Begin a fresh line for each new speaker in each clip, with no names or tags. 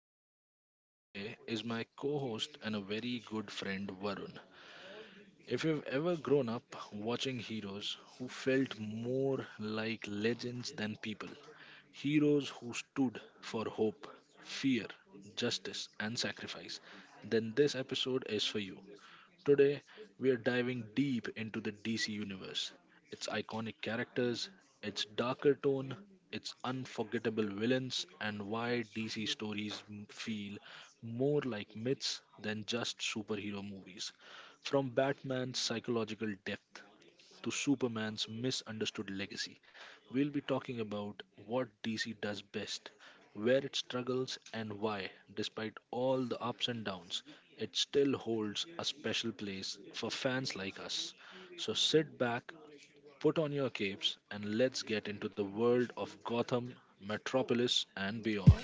joining me today is my co host and a very good friend, Varun. If you've ever grown up watching heroes who felt more like legends than people, heroes who stood for hope, fear, justice, and sacrifice, then this episode is for you. Today, we are diving deep into the DC universe, its iconic characters, its darker tone, its unforgettable villains, and why DC stories feel more like myths than just superhero movies. From Batman's psychological depth to Superman's misunderstood legacy. We'll be talking about what DC does best, where it struggles, and why, despite all the ups and downs, it still holds a special place for fans like us. So sit back, put on your capes, and let's get into the world of Gotham, Metropolis, and beyond.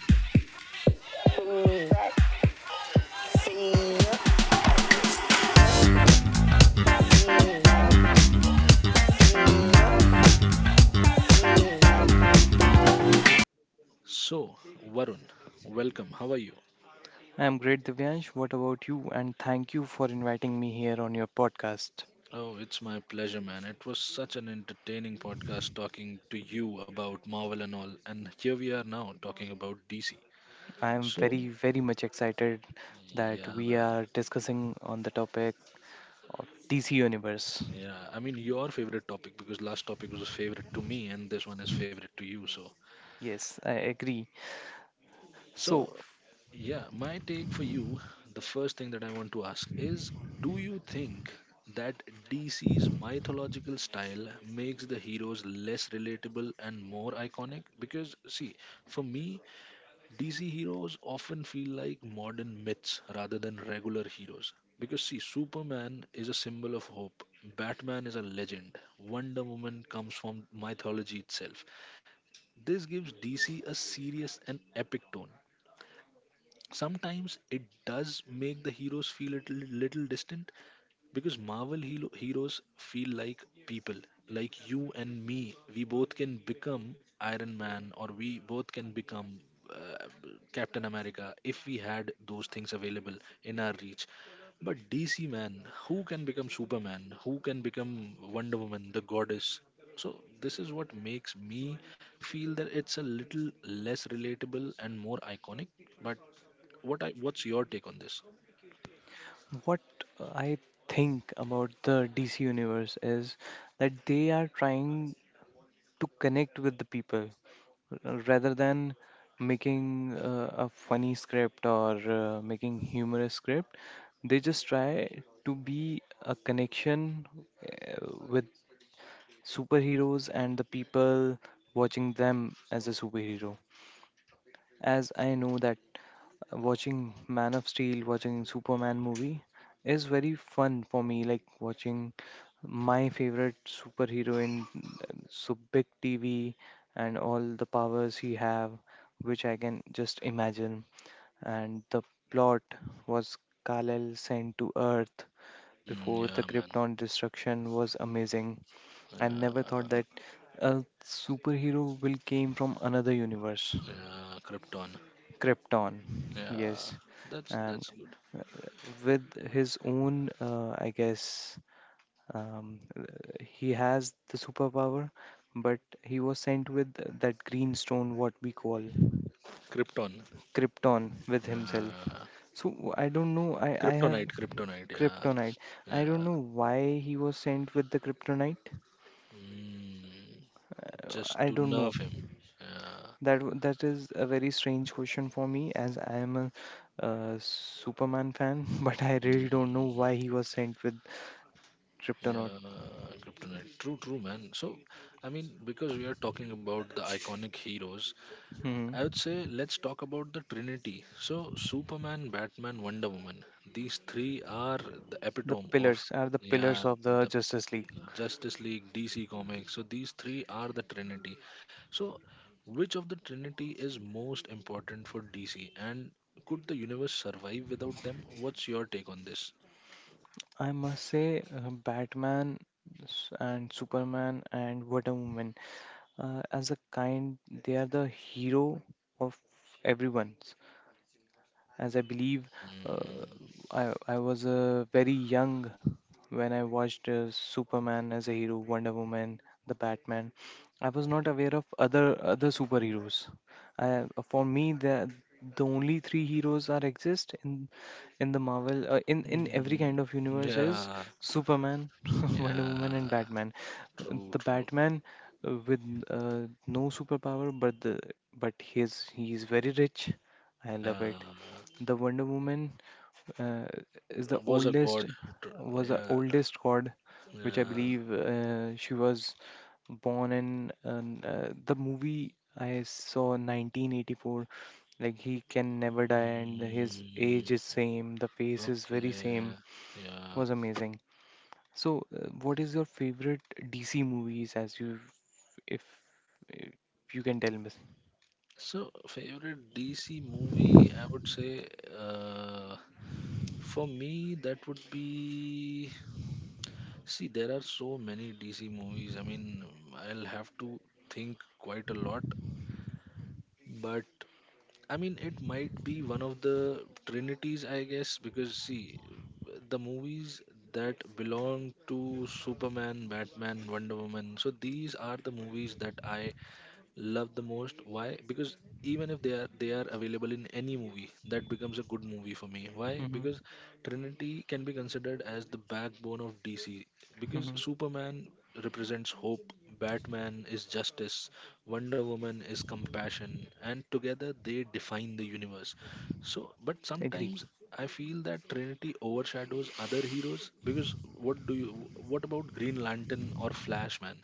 So, Varun, welcome. How are you?
I'm great, Divyansh. What about you? And thank you for inviting me here on your podcast.
Oh, it's my pleasure, man. It was such an entertaining podcast talking to you about Marvel and all. And here we are now talking about DC.
I am
So,
very, very much excited that
yeah,
we
man.
are discussing on the topic of DC Universe.
Yeah, I mean, your favorite topic because last topic was a favorite to me, and this one is favorite to you. So,
Yes, I agree. So,
so yeah, my take for you, the first thing that I want to ask is, do you think that DC's mythological style makes the heroes less relatable and more iconic? Because, see, for me, DC heroes often feel like modern myths rather than regular heroes. Because, see, Superman is a symbol of hope, Batman is a legend, Wonder Woman comes from mythology itself. This gives DC a serious and epic tone. Sometimes it does make the heroes feel a little distant, because Marvel heroes feel like people, like you and me. We both can become Iron Man, or we both can become uh, Captain America if we had those things available in our reach. But DC man, who can become Superman? Who can become Wonder Woman, the goddess? So this is what makes me feel that it's a little less relatable and more iconic. But what's your take on this?
what I think about the DC Universe is that they are trying to connect with the people, rather than making a funny script or making humorous script, they just try to be a connection with superheroes and the people watching them as a superhero. As I know that watching Man of Steel, watching Superman movie is very fun for me. Like watching my favorite superhero in so big TV, and all the powers he have, which I can just imagine. And the plot was Kal-El sent to Earth
Mm,
before the
yeah, man.
Krypton destruction was amazing. I never thought
Yeah.
that a superhero will came from another universe,
Yeah, Krypton.
Krypton.
Yeah,
Yes,
that's
and
that's good.
with his own, I guess, um, uh, he has the superpower, but he was sent with that green stone, what we call
Krypton.
Krypton, with himself.
Yeah,
So I don't know. I have
Kryptonite. Kryptonite. Yeah,
kryptonite. I don't
yeah.
know why he was sent with the kryptonite.
Mm, just
I
to
don't know.
nerve him. Yeah.
That is a very strange question for me, as I am a Superman fan, but I really don't know why
Mm,
he was sent with kryptonite.
yeah, Kryptonite. True, true, man. So, I mean, because we are talking about the iconic heroes, I would
Mm-hmm.
say let's talk about the Trinity. So, Superman, Batman, Wonder Woman. These three are the
the
epitome of,
pillars are the
yeah,
pillars of the
the
Justice League.
Justice League, DC Comics. So these three are the trinity. So which of the trinity is most important for DC, and could the universe survive without them? What's your take on this?
I must say, Batman and Superman and Wonder Woman, as a kind, they are the hero of everyone. As I believe, uh, I was very young when I watched Superman as a hero, Wonder Woman, the Batman. I was not aware of other superheroes. I, for me, the only three heroes that exist in the Marvel in every
Mm,
kind of universe is
yeah,
Superman, Wonder
yeah,
Woman, and Batman.
true,
The
true.
Batman with no superpower, but the but his he is very rich. I love
Yeah,
it. The Wonder Woman uh, is the
was a
oldest,
god. Tr-
was the
Yeah,
oldest god, which I
yeah.
believe, she was born in. The movie I saw, 1984, like he can never die, and his age
Mm,
is same, the face is very
okay,
same.
yeah.
Was amazing. So, what is your favorite DC movies? As you, if, if you can tell me.
So, favorite DC movie, I would say, uh, for me, that would be. See, there are so many DC movies. I mean, I'll have to think quite a lot. But, I mean, it might be one of the trinities, I guess, because, see, the movies that belong to Superman, Batman, Wonder Woman. So, these are the movies that I love the most. Why? Because even if they are available in any movie, that becomes a good movie for me. Why?
Hmm.
Because trinity can be considered as the backbone of DC, because
Hmm.
Superman represents hope, Batman is justice, Wonder Woman is compassion, and together they define the universe. So, but
Agree.
sometimes I feel that trinity overshadows other heroes, because what do you what about Green Lantern or Flashman?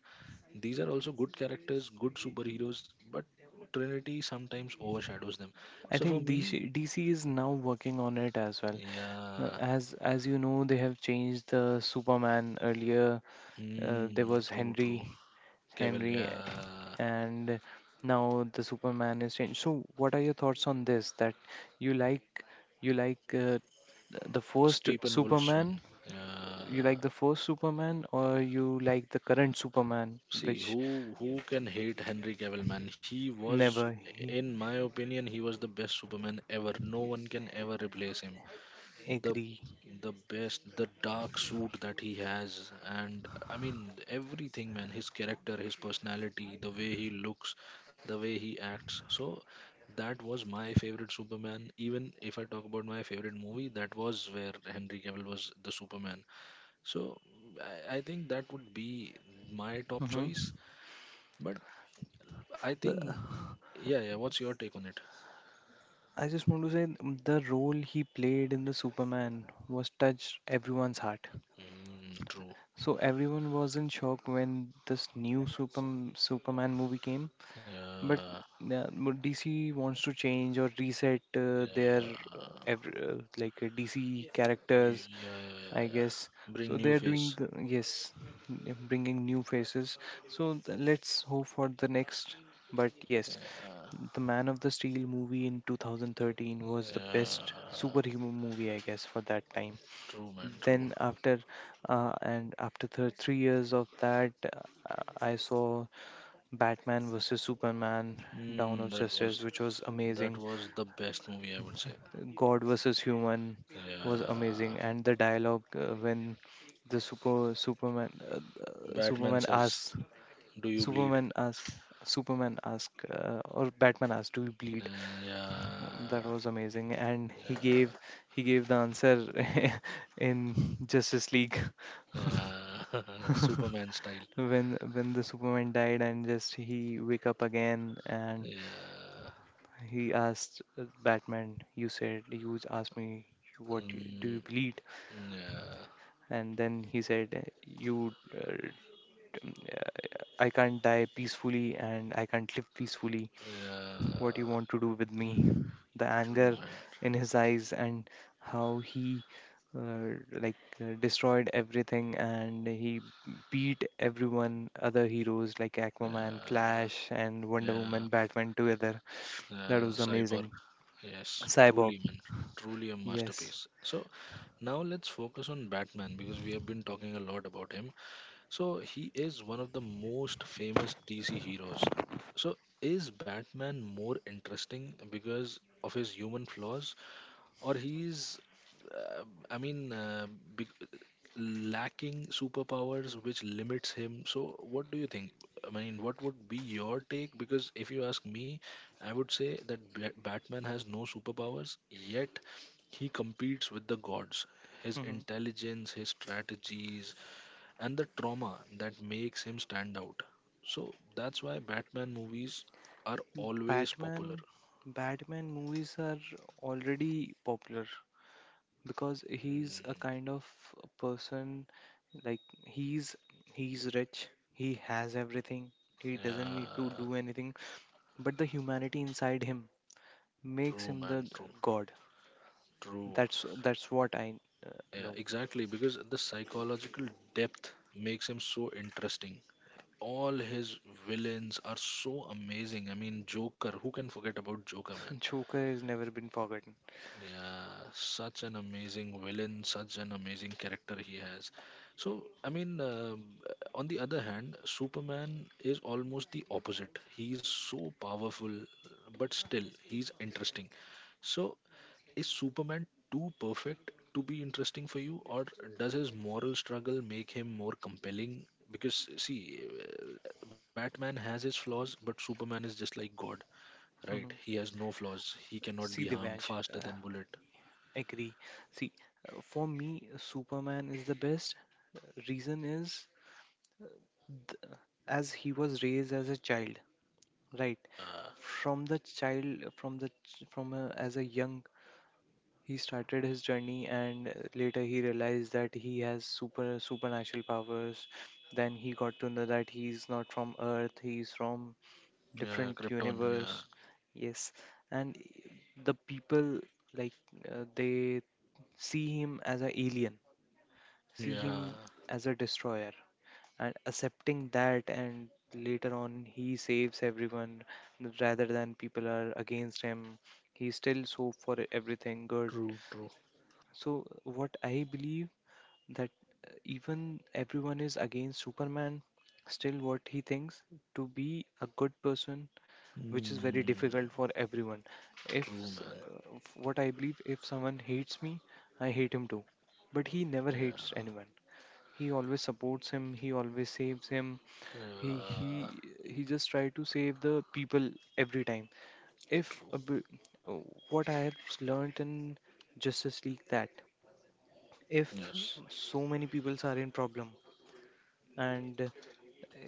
These are also good characters, good superheroes, but Trinity sometimes overshadows them.
I
So for
think
me,
DC is now working on it as well. Uh,
yeah,
As as you know, they have changed the Superman earlier. There
hmm,
was
true, true.
Henry,
Cavill,
Henry,
yeah,
and now the Superman is changed. So, what are your thoughts on this? That you like, you like uh, the first
Stephen Wolf's one.
Superman? You
Yeah,
like the first Superman, or you like the current Superman,
see, who
which
who can hate Henry Cavill, man? He was,
never he
in my opinion, he was the best Superman ever. No one can ever replace him. the
agree?
the best, the dark suit that he has, and I mean everything, man, his character, his personality, the way he looks, the way he acts. So that was my favorite Superman. Even if I talk about my favorite movie, that was where Henry Cavill was the Superman. So I think that would be my top
Mm-hmm.
choice. But I think, yeah, yeah, what's your take on it?
I just want to say, the role he played in the Superman was touched everyone's heart.
Mm, true.
So everyone was in shock when this new Superman movie came. But
Yeah,
yeah, but DC wants to change or reset their
yeah.
every, like DC
You,
characters,
yeah, yeah, yeah,
I
yeah.
guess. So
Bring new
they're doing
face.
the, yes, they're bringing new faces. So let's hope for the next. But yes,
Yeah.
the Man of the Steel movie in 2013 was the best
Yeah.
superhero movie, I guess, for that time.
True, man. True.
Then after, 3 years of that, I saw Batman versus Superman: Dawn
Mm,
of
that was,
Justice, which was
that
amazing.
was the best movie I would say.
God versus human was
Yeah.
amazing, and the dialogue when the super Superman
Batman
Superman
says,
asks
"Do you bleed?"
Superman asks Superman asks or Batman asks, "Do you bleed?" That
Yeah.
was amazing, and
Yeah.
he gave the answer in Justice League.
Yeah. Superman style.
When the Superman died and just he wake up again and
Yeah.
he asked, Batman, you said, you asked me what you, do
Mm,
you bleed?
yeah.
And then he said, you uh, I can't die peacefully and I can't live peacefully. What you
Yeah,
want to do with me? The
true
anger
man.
in his eyes and how he, uh, like destroyed everything, and he beat everyone other heroes like Aquaman,
Yeah,
Flash, and Wonder
yeah,
Woman, Batman together.
yeah,
That was
Cyborg.
amazing.
Yes,
Cyborg.
truly man, truly a
Yes.
masterpiece. So now let's focus on Batman, because we have been talking a lot about him. So he is one of the most famous DC heroes. So, is Batman more interesting because of his human flaws, or he's uh, i mean uh, big, lacking superpowers which limits him? So what do you think? I mean, what would be your take? Because if you ask me, I would say that Batman has no superpowers, yet he competes with the gods. His
Mhm.
intelligence, his strategies, and the trauma, that makes him stand out. So that's why Batman movies are always popular.
Batman, Batman movies are already popular. Because he's a
Mm,
kind of a person, like he's rich, he has everything, he doesn't need to
yeah,
do anything, but the humanity inside him makes
true
him
man,
the
true.
god.
True.
That's what I
Yeah,
know.
exactly. Because the psychological depth makes him so interesting. All his villains are so amazing. I mean, Joker, who can forget about Joker, man?
Joker has never been forgotten.
Yeah, such an amazing villain, such an amazing character he has. So, I mean, on the other hand, Superman is almost the opposite. He's so powerful, but still, he's interesting. So, is Superman too perfect to be interesting for you, or does his moral struggle make him more compelling? Because, see, Batman has his flaws, but Superman is just like God, right?
Mhm.
He has no flaws. He cannot be
See,
harmed,
Divyansh,
faster
uh,
than bullet.
agree. See, for me, Superman is the best. Reason is, th- as he was raised as a child. Right.
Yeah,
From the child, from from a, as a young, he started his journey, and, later he realized that he has supernatural powers. Then he got to know that he's not from Earth; he's from
yeah,
different
Krypton.
universe.
Yeah,
Yes, and, the people like, they see him as an alien, see
yeah,
him as a destroyer, and accepting that, and later on he saves everyone. Rather than people are against him, he still so for everything good.
true, true.
So what I believe that, even everyone is against Superman, still what he thinks to be a good person, which is very
Mm,
difficult for everyone. If s-
true, man.
f- What I believe, if someone hates me, I hate him too, but he never hates
Yeah,
anyone. He always supports him, he always saves him. He
yeah,
he just try to save the people every time. If a
true.
b- What I have learned in Justice League that if
Yes.
so many peoples are in problem, and,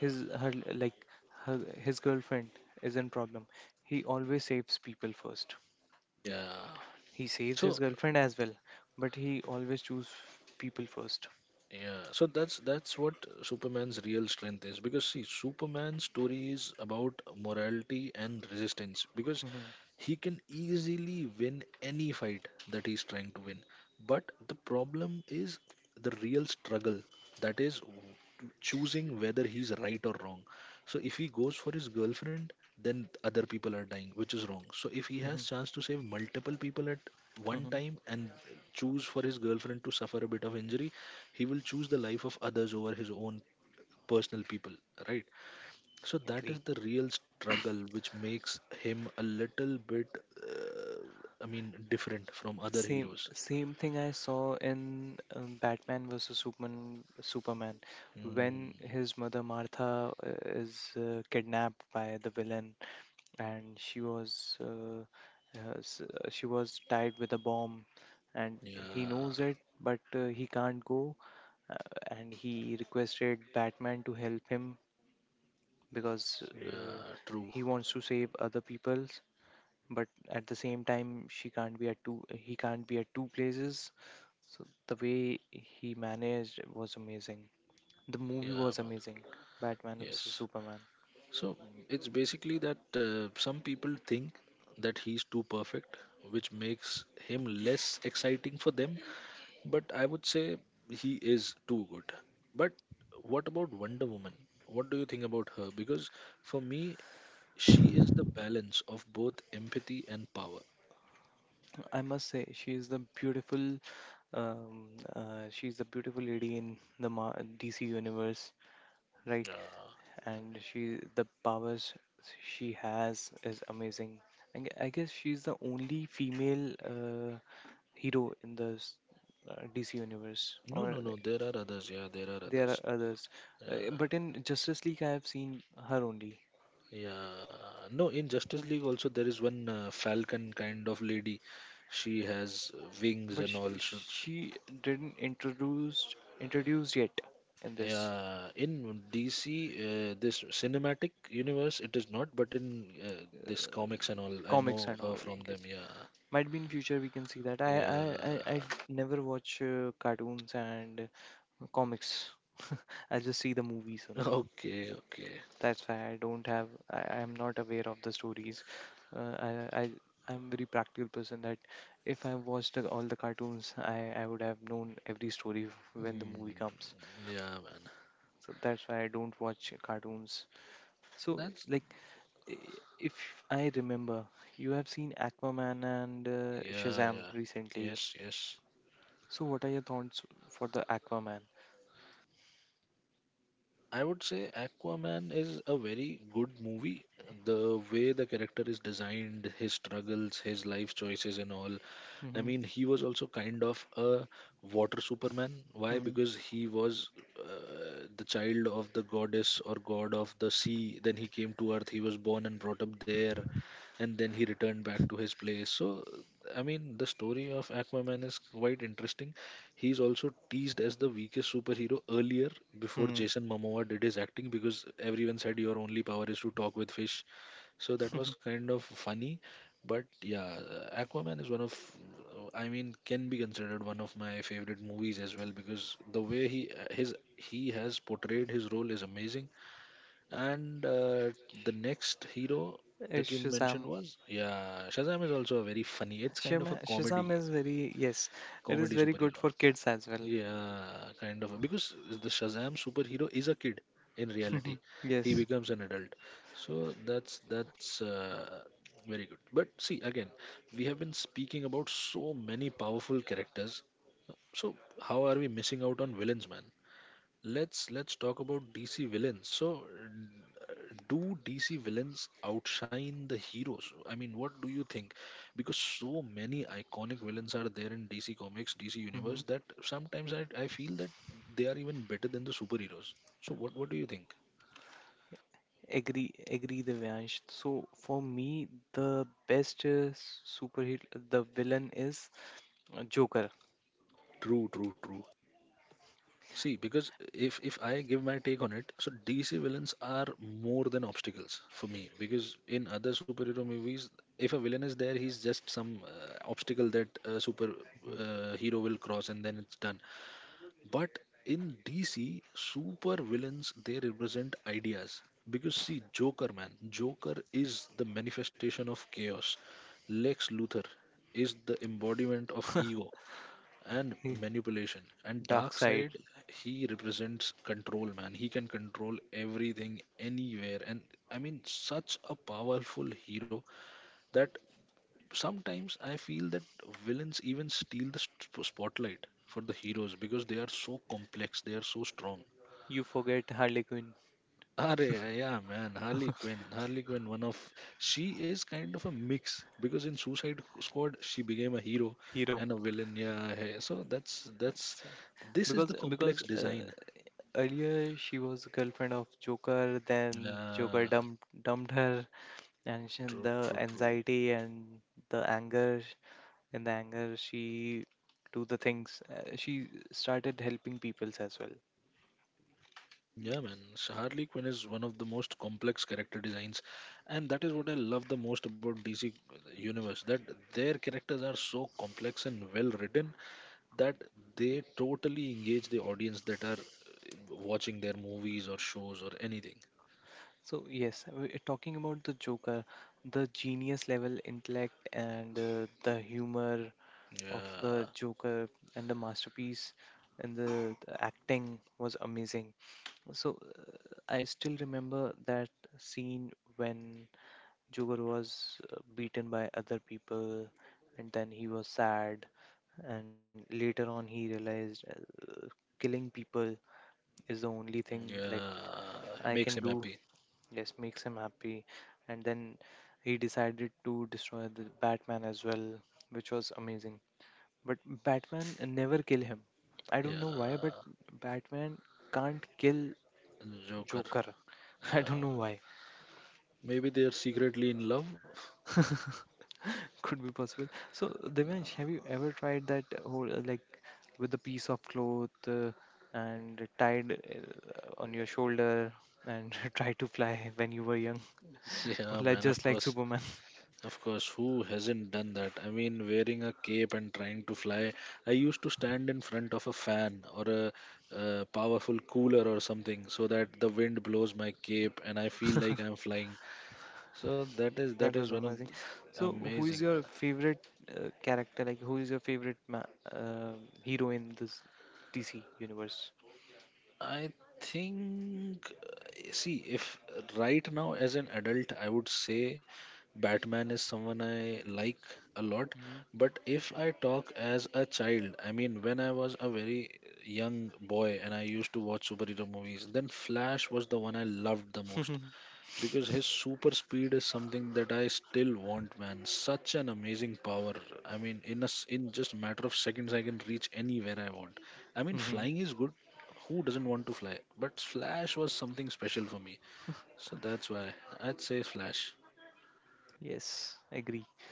his her like her, his girlfriend is in problem, he always saves people first.
Yeah.
He saves his
So
girlfriend as well, but he always choose people 1st.
yeah, so that's what Superman's real strength is. Because see, Superman's story is about morality and resistance, because
Mm-hmm.
he can easily win any fight that he's trying to win, but the problem is the real struggle, that is choosing whether he's right or wrong. So if he goes for his girlfriend, then other people are dying, which is wrong. So if he has chance to save multiple people at one time and choose for his girlfriend to suffer a bit of injury, he will choose the life of others over his own personal people, right? So that
Mm-hmm.
is the real struggle, which makes him a little bit, uh, I mean, different from other
Same
heroes.
same thing I saw in Batman versus Superman
Mm,
when his mother Martha, is, kidnapped by the villain, and she was tied with a bomb, and he knows
yeah,
it, but, he can't go, uh, and he requested Batman to help him, because,
yeah, true.
he wants to save other people, but at the same time she can't be at two he can't be at two places. So the way he managed was amazing. The movie
Yeah,
was amazing.
man.
Batman vs
Yes.
Superman.
So it's basically that some people think that he's too perfect, which makes him less exciting for them. But I would say he is too good. But what about Wonder Woman? What do you think about her? Because for me, she is the balance of both empathy and power.
I must say she is the beautiful, um, she's the beautiful lady in the DC universe, right?
Uh,
And she, the powers she has, is amazing. And I guess she's the only female hero in DC universe,
no,
or…
no, no. There are others. Yeah, there are
There are
others.
others,
Yeah,
but in Justice League, I have seen her only.
yeah. No, in Justice League also there is one Falcon kind of lady. She has wings
But
and all. So, so-
she didn't introduced yet in this
yeah, in DC, this cinematic universe, it is not. But in this comics and all, I
comics
know
and
her
all. I
from them.
guess
Yeah,
might be in future we can see that. I
yeah.
I I, I never watch cartoons and, comics. I just see the movies only.
Okay, okay.
That's why I don't have. I am not aware of the stories. Uh, I I I'm very practical person that if I watched all the cartoons, I would have known every story when the
Hmm.
movie comes.
Yeah, man.
So that's why I don't watch cartoons. So
That's
like, i- if I remember, you have seen Aquaman and,
Yeah,
Shazam
yeah.
recently.
Yes, yes.
So what are your thoughts for the Aquaman?
I would say Aquaman is a very good movie. The way the character is designed, his struggles, his life choices, and all. I
Mm-hmm.
mean, he was also kind of a water Superman. Why?
Mm-hmm.
Because he was the child of the goddess or god of the sea. Then he came to Earth. He was born and brought up there, and then he returned back to his place. So, I mean, the story of Aquaman is quite interesting. He's also teased as the weakest superhero earlier, before Jason Momoa did his acting, because everyone said your only power is to talk with fish. So that
Mm-hmm.
was kind of funny. But yeah, Aquaman is one of, I mean, can be considered one of my favorite movies as well, because the way he has portrayed his role is amazing. And the next hero that you mentioned
Shazam
was, yeah, Shazam is also a very funny. It's kind of a
Shazam
comedy
is very, yes, it is
comedy
very good
superhero.
for kids as well.
Yeah, kind of. Because the Shazam superhero is a kid in reality. He
Yes.
becomes an adult. So that's very good. But see, again, we have been speaking about so many powerful characters. So how are we missing out on villains, man? Let's talk about DC villains. So, do DC villains outshine the heroes? I mean, what do you think? Because so many iconic villains are there in DC Comics, DC
Mm-hmm.
Universe, that sometimes I feel that they are even better than the superheroes. So, what do you think?
Agree, Divyansh. So for me, the best superhero, the villain is, Joker.
True, true, true. See, because if I give my take on it, so DC villains are more than obstacles for me. Because in other superhero movies, if a villain is there, he's just some obstacle that a super
Mhm.
hero will cross, and then it's done. But in DC, super villains they represent ideas. Because see, Joker man, Joker is the manifestation of chaos. Lex Luthor is the embodiment of ego and
He-
manipulation and
Dark
dark
side.
side, he represents control man, he can control everything anywhere. And I mean, such a powerful hero that sometimes I feel that villains even steal the spotlight for the heroes because they are so complex, they are so strong.
You forget Harley Quinn.
Arey, yeah, man, Harley Quinn. Harley Quinn, one of, she is kind of a mix because in Suicide Squad she became a hero
Hero.
and a villain. Yeah, hey, so that's
That's
this is the
because,
complex design.
earlier she was a girlfriend of Joker, then Joker
Yeah,
dumped her, and
yeah,
she,
true,
the
true, true.
anxiety and the anger the anger, she do the things, she started helping peoples as well.
Yeah, man, so Harley Quinn is one of the most complex character designs, and that is what I love the most about DC universe, that their characters are so complex and well written that they totally engage the audience that are watching their movies or shows or anything.
So yes, talking about the Joker, the genius level intellect and, the humor of the
Yeah.
Joker and the masterpiece, and the acting was amazing. So, I still remember that scene when Jugar was, beaten by other people, and then he was sad. And later on, he realized, killing people is the only thing like
Yeah.
I
Makes
can
him
do.
happy.
Yes, makes him happy. And then he decided to destroy the Batman as well, which was amazing. But Batman never kill him. I don't know why, but
Yeah.
Batman can't kill
Joker.
Joker. I don't
Yeah.
know why.
Maybe they're secretly in love.
Could be possible. So, Divansh, have you ever tried that whole, like, with a piece of cloth, and tied, on your shoulder, and try to fly when you were young, or
Yeah,
like
man, of
just like
course.
Superman?
Of course, who hasn't done that? I mean, wearing a cape and trying to fly. I used to stand in front of a fan or a powerful cooler or something so that the wind blows my cape and I feel like I'm flying. So that
That
is
was
one of
amazing. So, who
amazing
is
man.
your favorite, character? Like, who is your favorite ma hero in this DC universe?
I think see if right now as an adult I would say Batman is someone I like a lot, but if I talk as a child, I mean when I was a very young boy and I used to watch superhero movies, then Flash was the one I loved the most
Mhm.
because his super speed is something that I still want, man. Such an amazing power. I mean, in just a matter of seconds, I can reach anywhere I want. I mean,
Mhm.
flying is good. Who doesn't want to fly? But Flash was something special for me, so that's why I'd say Flash.
Yes, agree.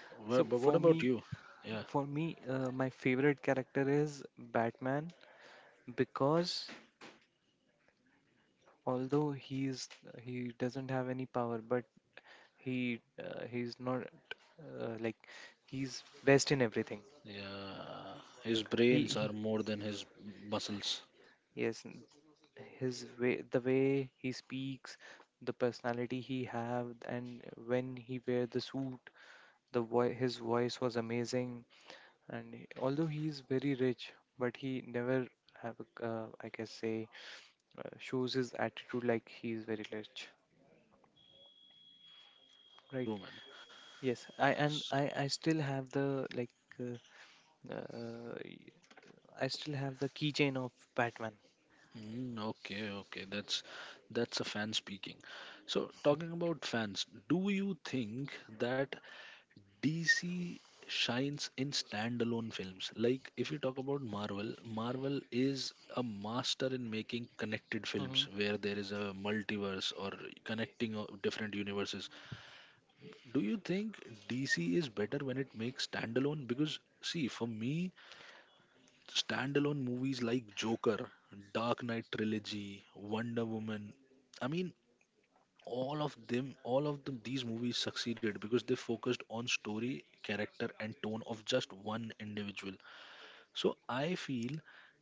So
But
for
what
me,
about you? Yeah,
for me, uh, my favorite character is Batman because although he's he doesn't have any power but he he's not like he's best in everything.
yeah. His
he,
brains are
he
more than his muscles.
yes n- his way, the way he speaks, the personality he have, and when he wear the suit, his voice was amazing. And although he is very rich, but he never have a, I guess say shows his attitude like he is very rich, right?
True, man.
Yes, I and I I still have the uh, uh, y- I still have the keychain of Batman.
Mm, okay, okay, that's a fan speaking. So talking about fans, do you think that DC shines in standalone films? Like if you talk about Marvel, Marvel is a master in making connected
hmm
films where there is a multiverse or connecting of different universes. Do you think DC is better when it makes standalone? Because see, for me, standalone movies like Joker, Dark Knight trilogy, Wonder Woman. I mean, all of them, these movies succeeded because they focused on story, character, and tone of just one individual. So I feel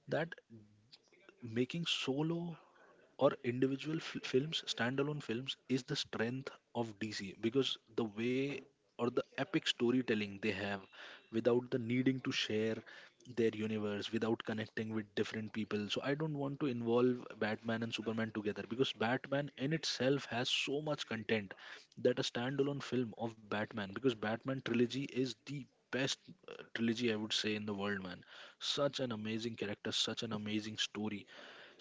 that making solo or individual films, standalone films, is the strength of DC because the way or the epic storytelling they have without the needing to share their universe, without connecting with different people. So, I don't want to involve Batman and Superman together because Batman in itself has so much content that a standalone film of Batman, because Batman trilogy is the best trilogy I would say in the world, man. Such an amazing character, such an amazing story.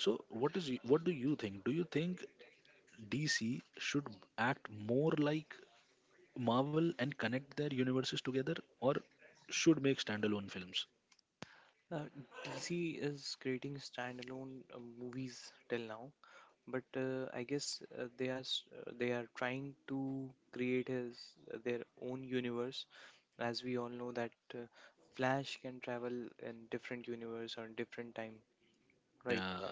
So what is what do you think? Do you think DC should act more like Marvel and connect their universes together, or should make standalone films?
Uh, DC is creating standalone movies till now, but I guess they are trying to create his their own universe. As we all know that Flash can travel in different universe or different time, right?
Yeah.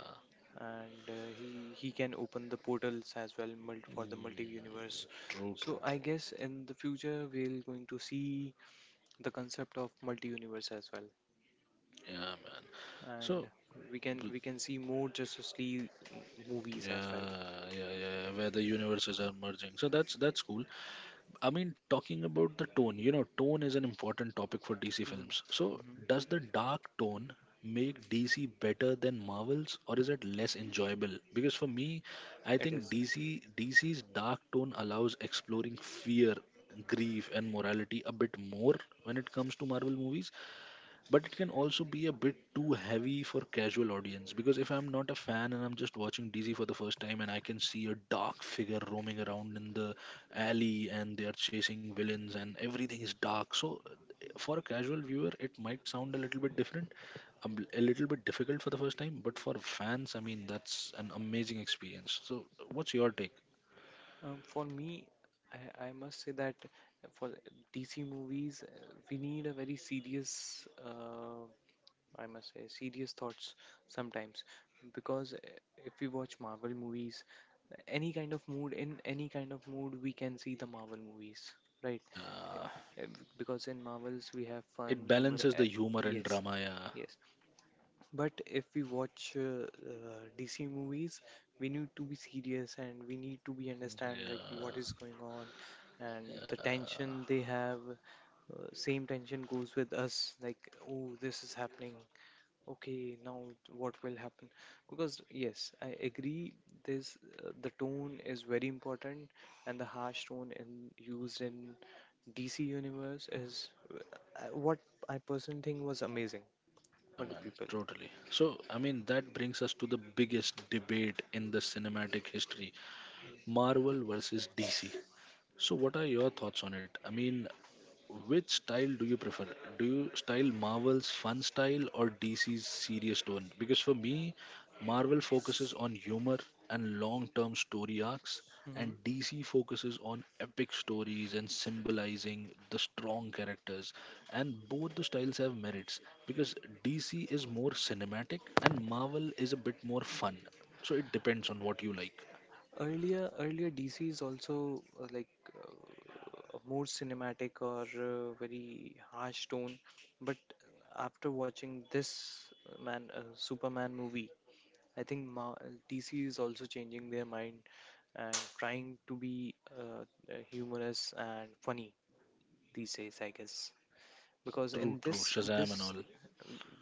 And he can open the portals as well for the multi
Mm,
universe.
true, true,
So I
true.
guess in the future we're going to see the concept of multi universe as well,
Yeah, man. So
and we can
w-
we can see more Justice League movies as well.
yeah, yeah, yeah, where the universes are merging. So that's cool. I mean, talking about the tone, you know, tone is an important topic for DC
Mhm,
films. So,
mhm.
does the dark tone make DC better than Marvel's, or is it less enjoyable? Because for me, I
It
think
is.
DC's dark tone allows exploring fear, grief, and morality a bit more when it comes to Marvel movies, but it can also be a bit too heavy for casual audience. Because if I'm not a fan and I'm just watching DC for the first time and I can see a dark figure roaming around in the alley and they are chasing villains and everything is dark, so for a casual viewer it might sound a little bit different, a little bit difficult for the first time. But for fans, I mean, that's an amazing experience. So what's your take?
For me, I must say that for DC movies, we need a very serious. I must say, serious thoughts sometimes. Because if we watch Marvel movies, any kind of mood, in any kind of mood, we can see the Marvel movies, right?
Yeah,
Uh, uh, Because in Marvels, we have fun,
it
humor.
balances the humor and
Yes,
drama, yeah.
yes. But if we watch DC movies, we need to be serious and we need to be understand like what
Yeah,
is going on, and the
yeah.
tension they have, same tension goes with us like, oh, this is happening. Okay, now what will happen? Because yes, I agree. This The tone is very important, and the harsh tone in used in DC universe is what I personally think was amazing
Yeah,
for the
man,
people.
totally. So, I mean, that brings us to the biggest debate in the cinematic history, Marvel versus DC. So, what are your thoughts on it? I mean, which style do you prefer? Do you style Marvel's fun style or DC's serious tone? Because for me, Marvel focuses on humor and long term story arcs, and
hmm
DC focuses on epic stories and symbolizing the strong characters. And both the styles have merits because DC is more cinematic and Marvel is a bit more fun. So, it depends on what you like.
Earlier, earlier, DC is also more cinematic or very harsh tone, but after watching this man Superman movie, I think DC is also changing their mind and trying to be humorous and funny these days, I guess. Because in
True, true.
this,
Shazam and
this
all.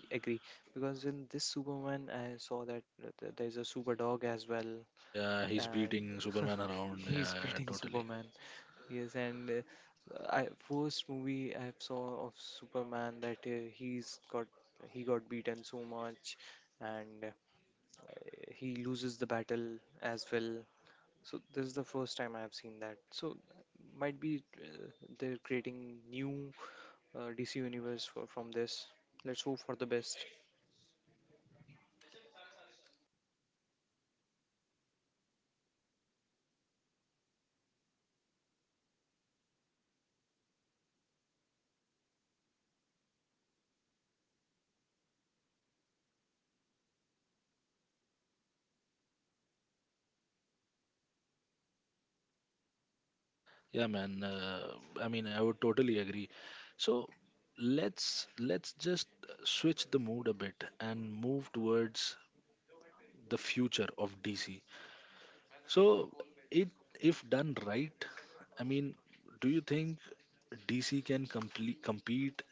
Agree. Because in this Superman, I saw that there's a super dog as well,
Yeah, he's
and
beating Superman around.
he's
Yeah,
beating
totally.
Superman. Yes, and I first movie I saw of Superman that he got beaten so much, and he loses the battle as well. So this is the first time I have seen that. So might be they're creating new DC universe from this. Let's hope for the best.
Yeah, man. I mean, I would totally agree. So let's just switch the mood a bit and move towards the future of DC. So it, if done right, I mean, do you think DC can complete compete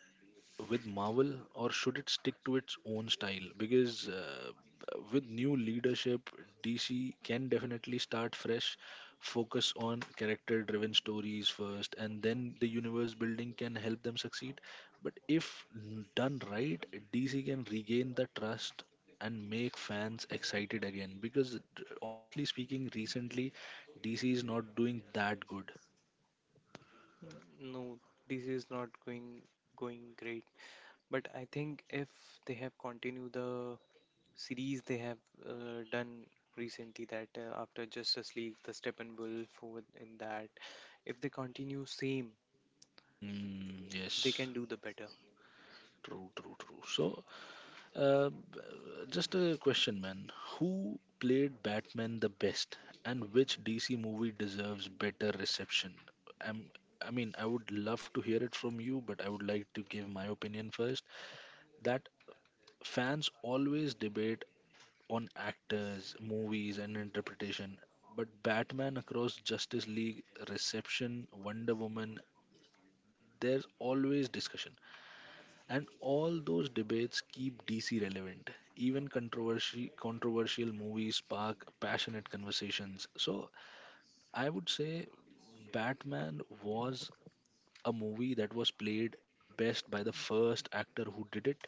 with Marvel, or should it stick to its own style? Because with new leadership, DC can definitely start fresh, focus on character driven stories first, and then the universe building can help them succeed. But if done right, DC can regain the trust and make fans excited again. Because honestly speaking, recently DC is not doing that good.
Mm, no, DC is not going great, but I think if they have continued the series they have done recently, that after Justice League, the Steppenwolf over in that, if they continue same,
Mm,
they can
yes,
do the better.
true, true, true. So Uh, b- just a question, man. Who played Batman the best, and which DC movie deserves better reception? I'm, I mean, I would love to hear it from you, but I would like to give my opinion first. That fans always debate on actors, movies, and interpretation, but Batman across Justice League, reception, Wonder Woman, there's always discussion. And all those debates keep DC relevant. Even controversial movies spark passionate conversations. So I would say Batman was a movie that was played the best by the first actor who did it.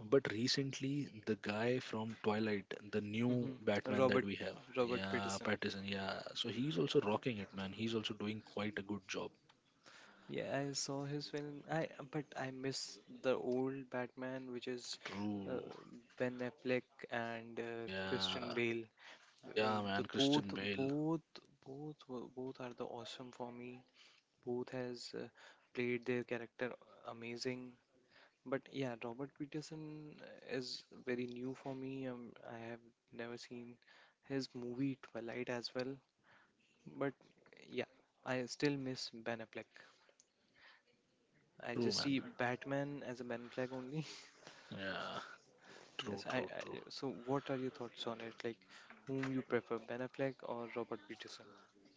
But recently, the guy from Twilight, the new
hmm
Batman that
Robert
we have,
Robert
yeah,
Pattinson.
Pattinson, yeah. So he's also rocking it, man. He's also doing quite a good job.
Yeah, I saw his film. I But I miss the old Batman, which is uh,
True,
Ben Affleck and Christian
yeah,
Bale. Uh,
yeah, man.
the both
Christian Bale,
both both were- Both are the awesome for me. Both has played their character amazing. But yeah, Robert Pattinson is very new for me. I have never seen his movie Twilight as well. But yeah, I still miss Ben Affleck. I
true,
just see
man.
Batman as a Ben Affleck only.
Yeah.
Yes,
True, true,
I.
true.
So, what are your thoughts on it? Like, whom you prefer, Ben Affleck or Robert Pattinson?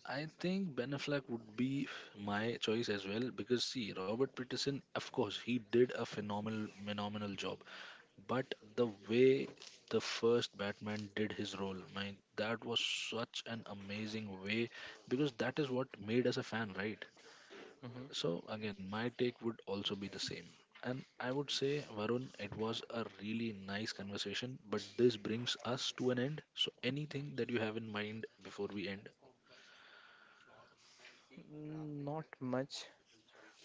I think Ben Affleck would be my choice as well because see, Robert Pattinson, of course, he did a phenomenal job. But the way the first Batman did his role, man, that was such an amazing way because that is what made us a fan, right?
hmm
So again, my take would also be the same. And I would say, Varun, it was a really nice conversation, but this brings us to an end. So anything that you have in mind before we end?
Mm, not much,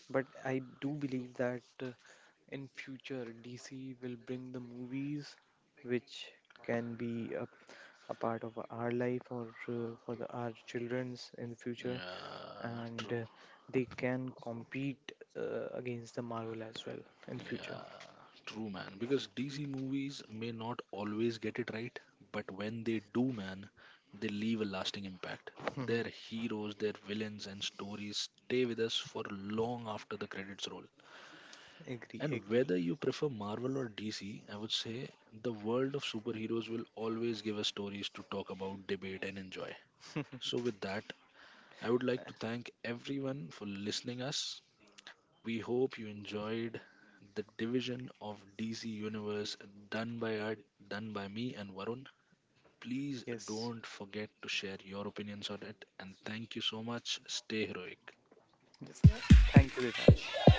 but I do believe that in future DC will bring the movies which can be a part of our life, or our children's in the future,
Yeah,
and
true.
they can compete against the Marvel as well in the future.
Yeah, true, man. Because DC movies may not always get it right, but when they do, man, they leave a lasting impact. Their heroes, their villains, and stories stay with us for long after the credits roll.
Agree,
And whether
agree.
you prefer Marvel or DC, I would say the world of superheroes will always give us stories to talk about, debate, and enjoy. So, with that, I would like
Uh,
to thank everyone for listening us. We hope you enjoyed the division of DC Universe done by our, done by me and Varun. Please
Yes,
don't forget to share your opinions on it, and thank you so much. Stay heroic.
yes. Thank you, Devansh.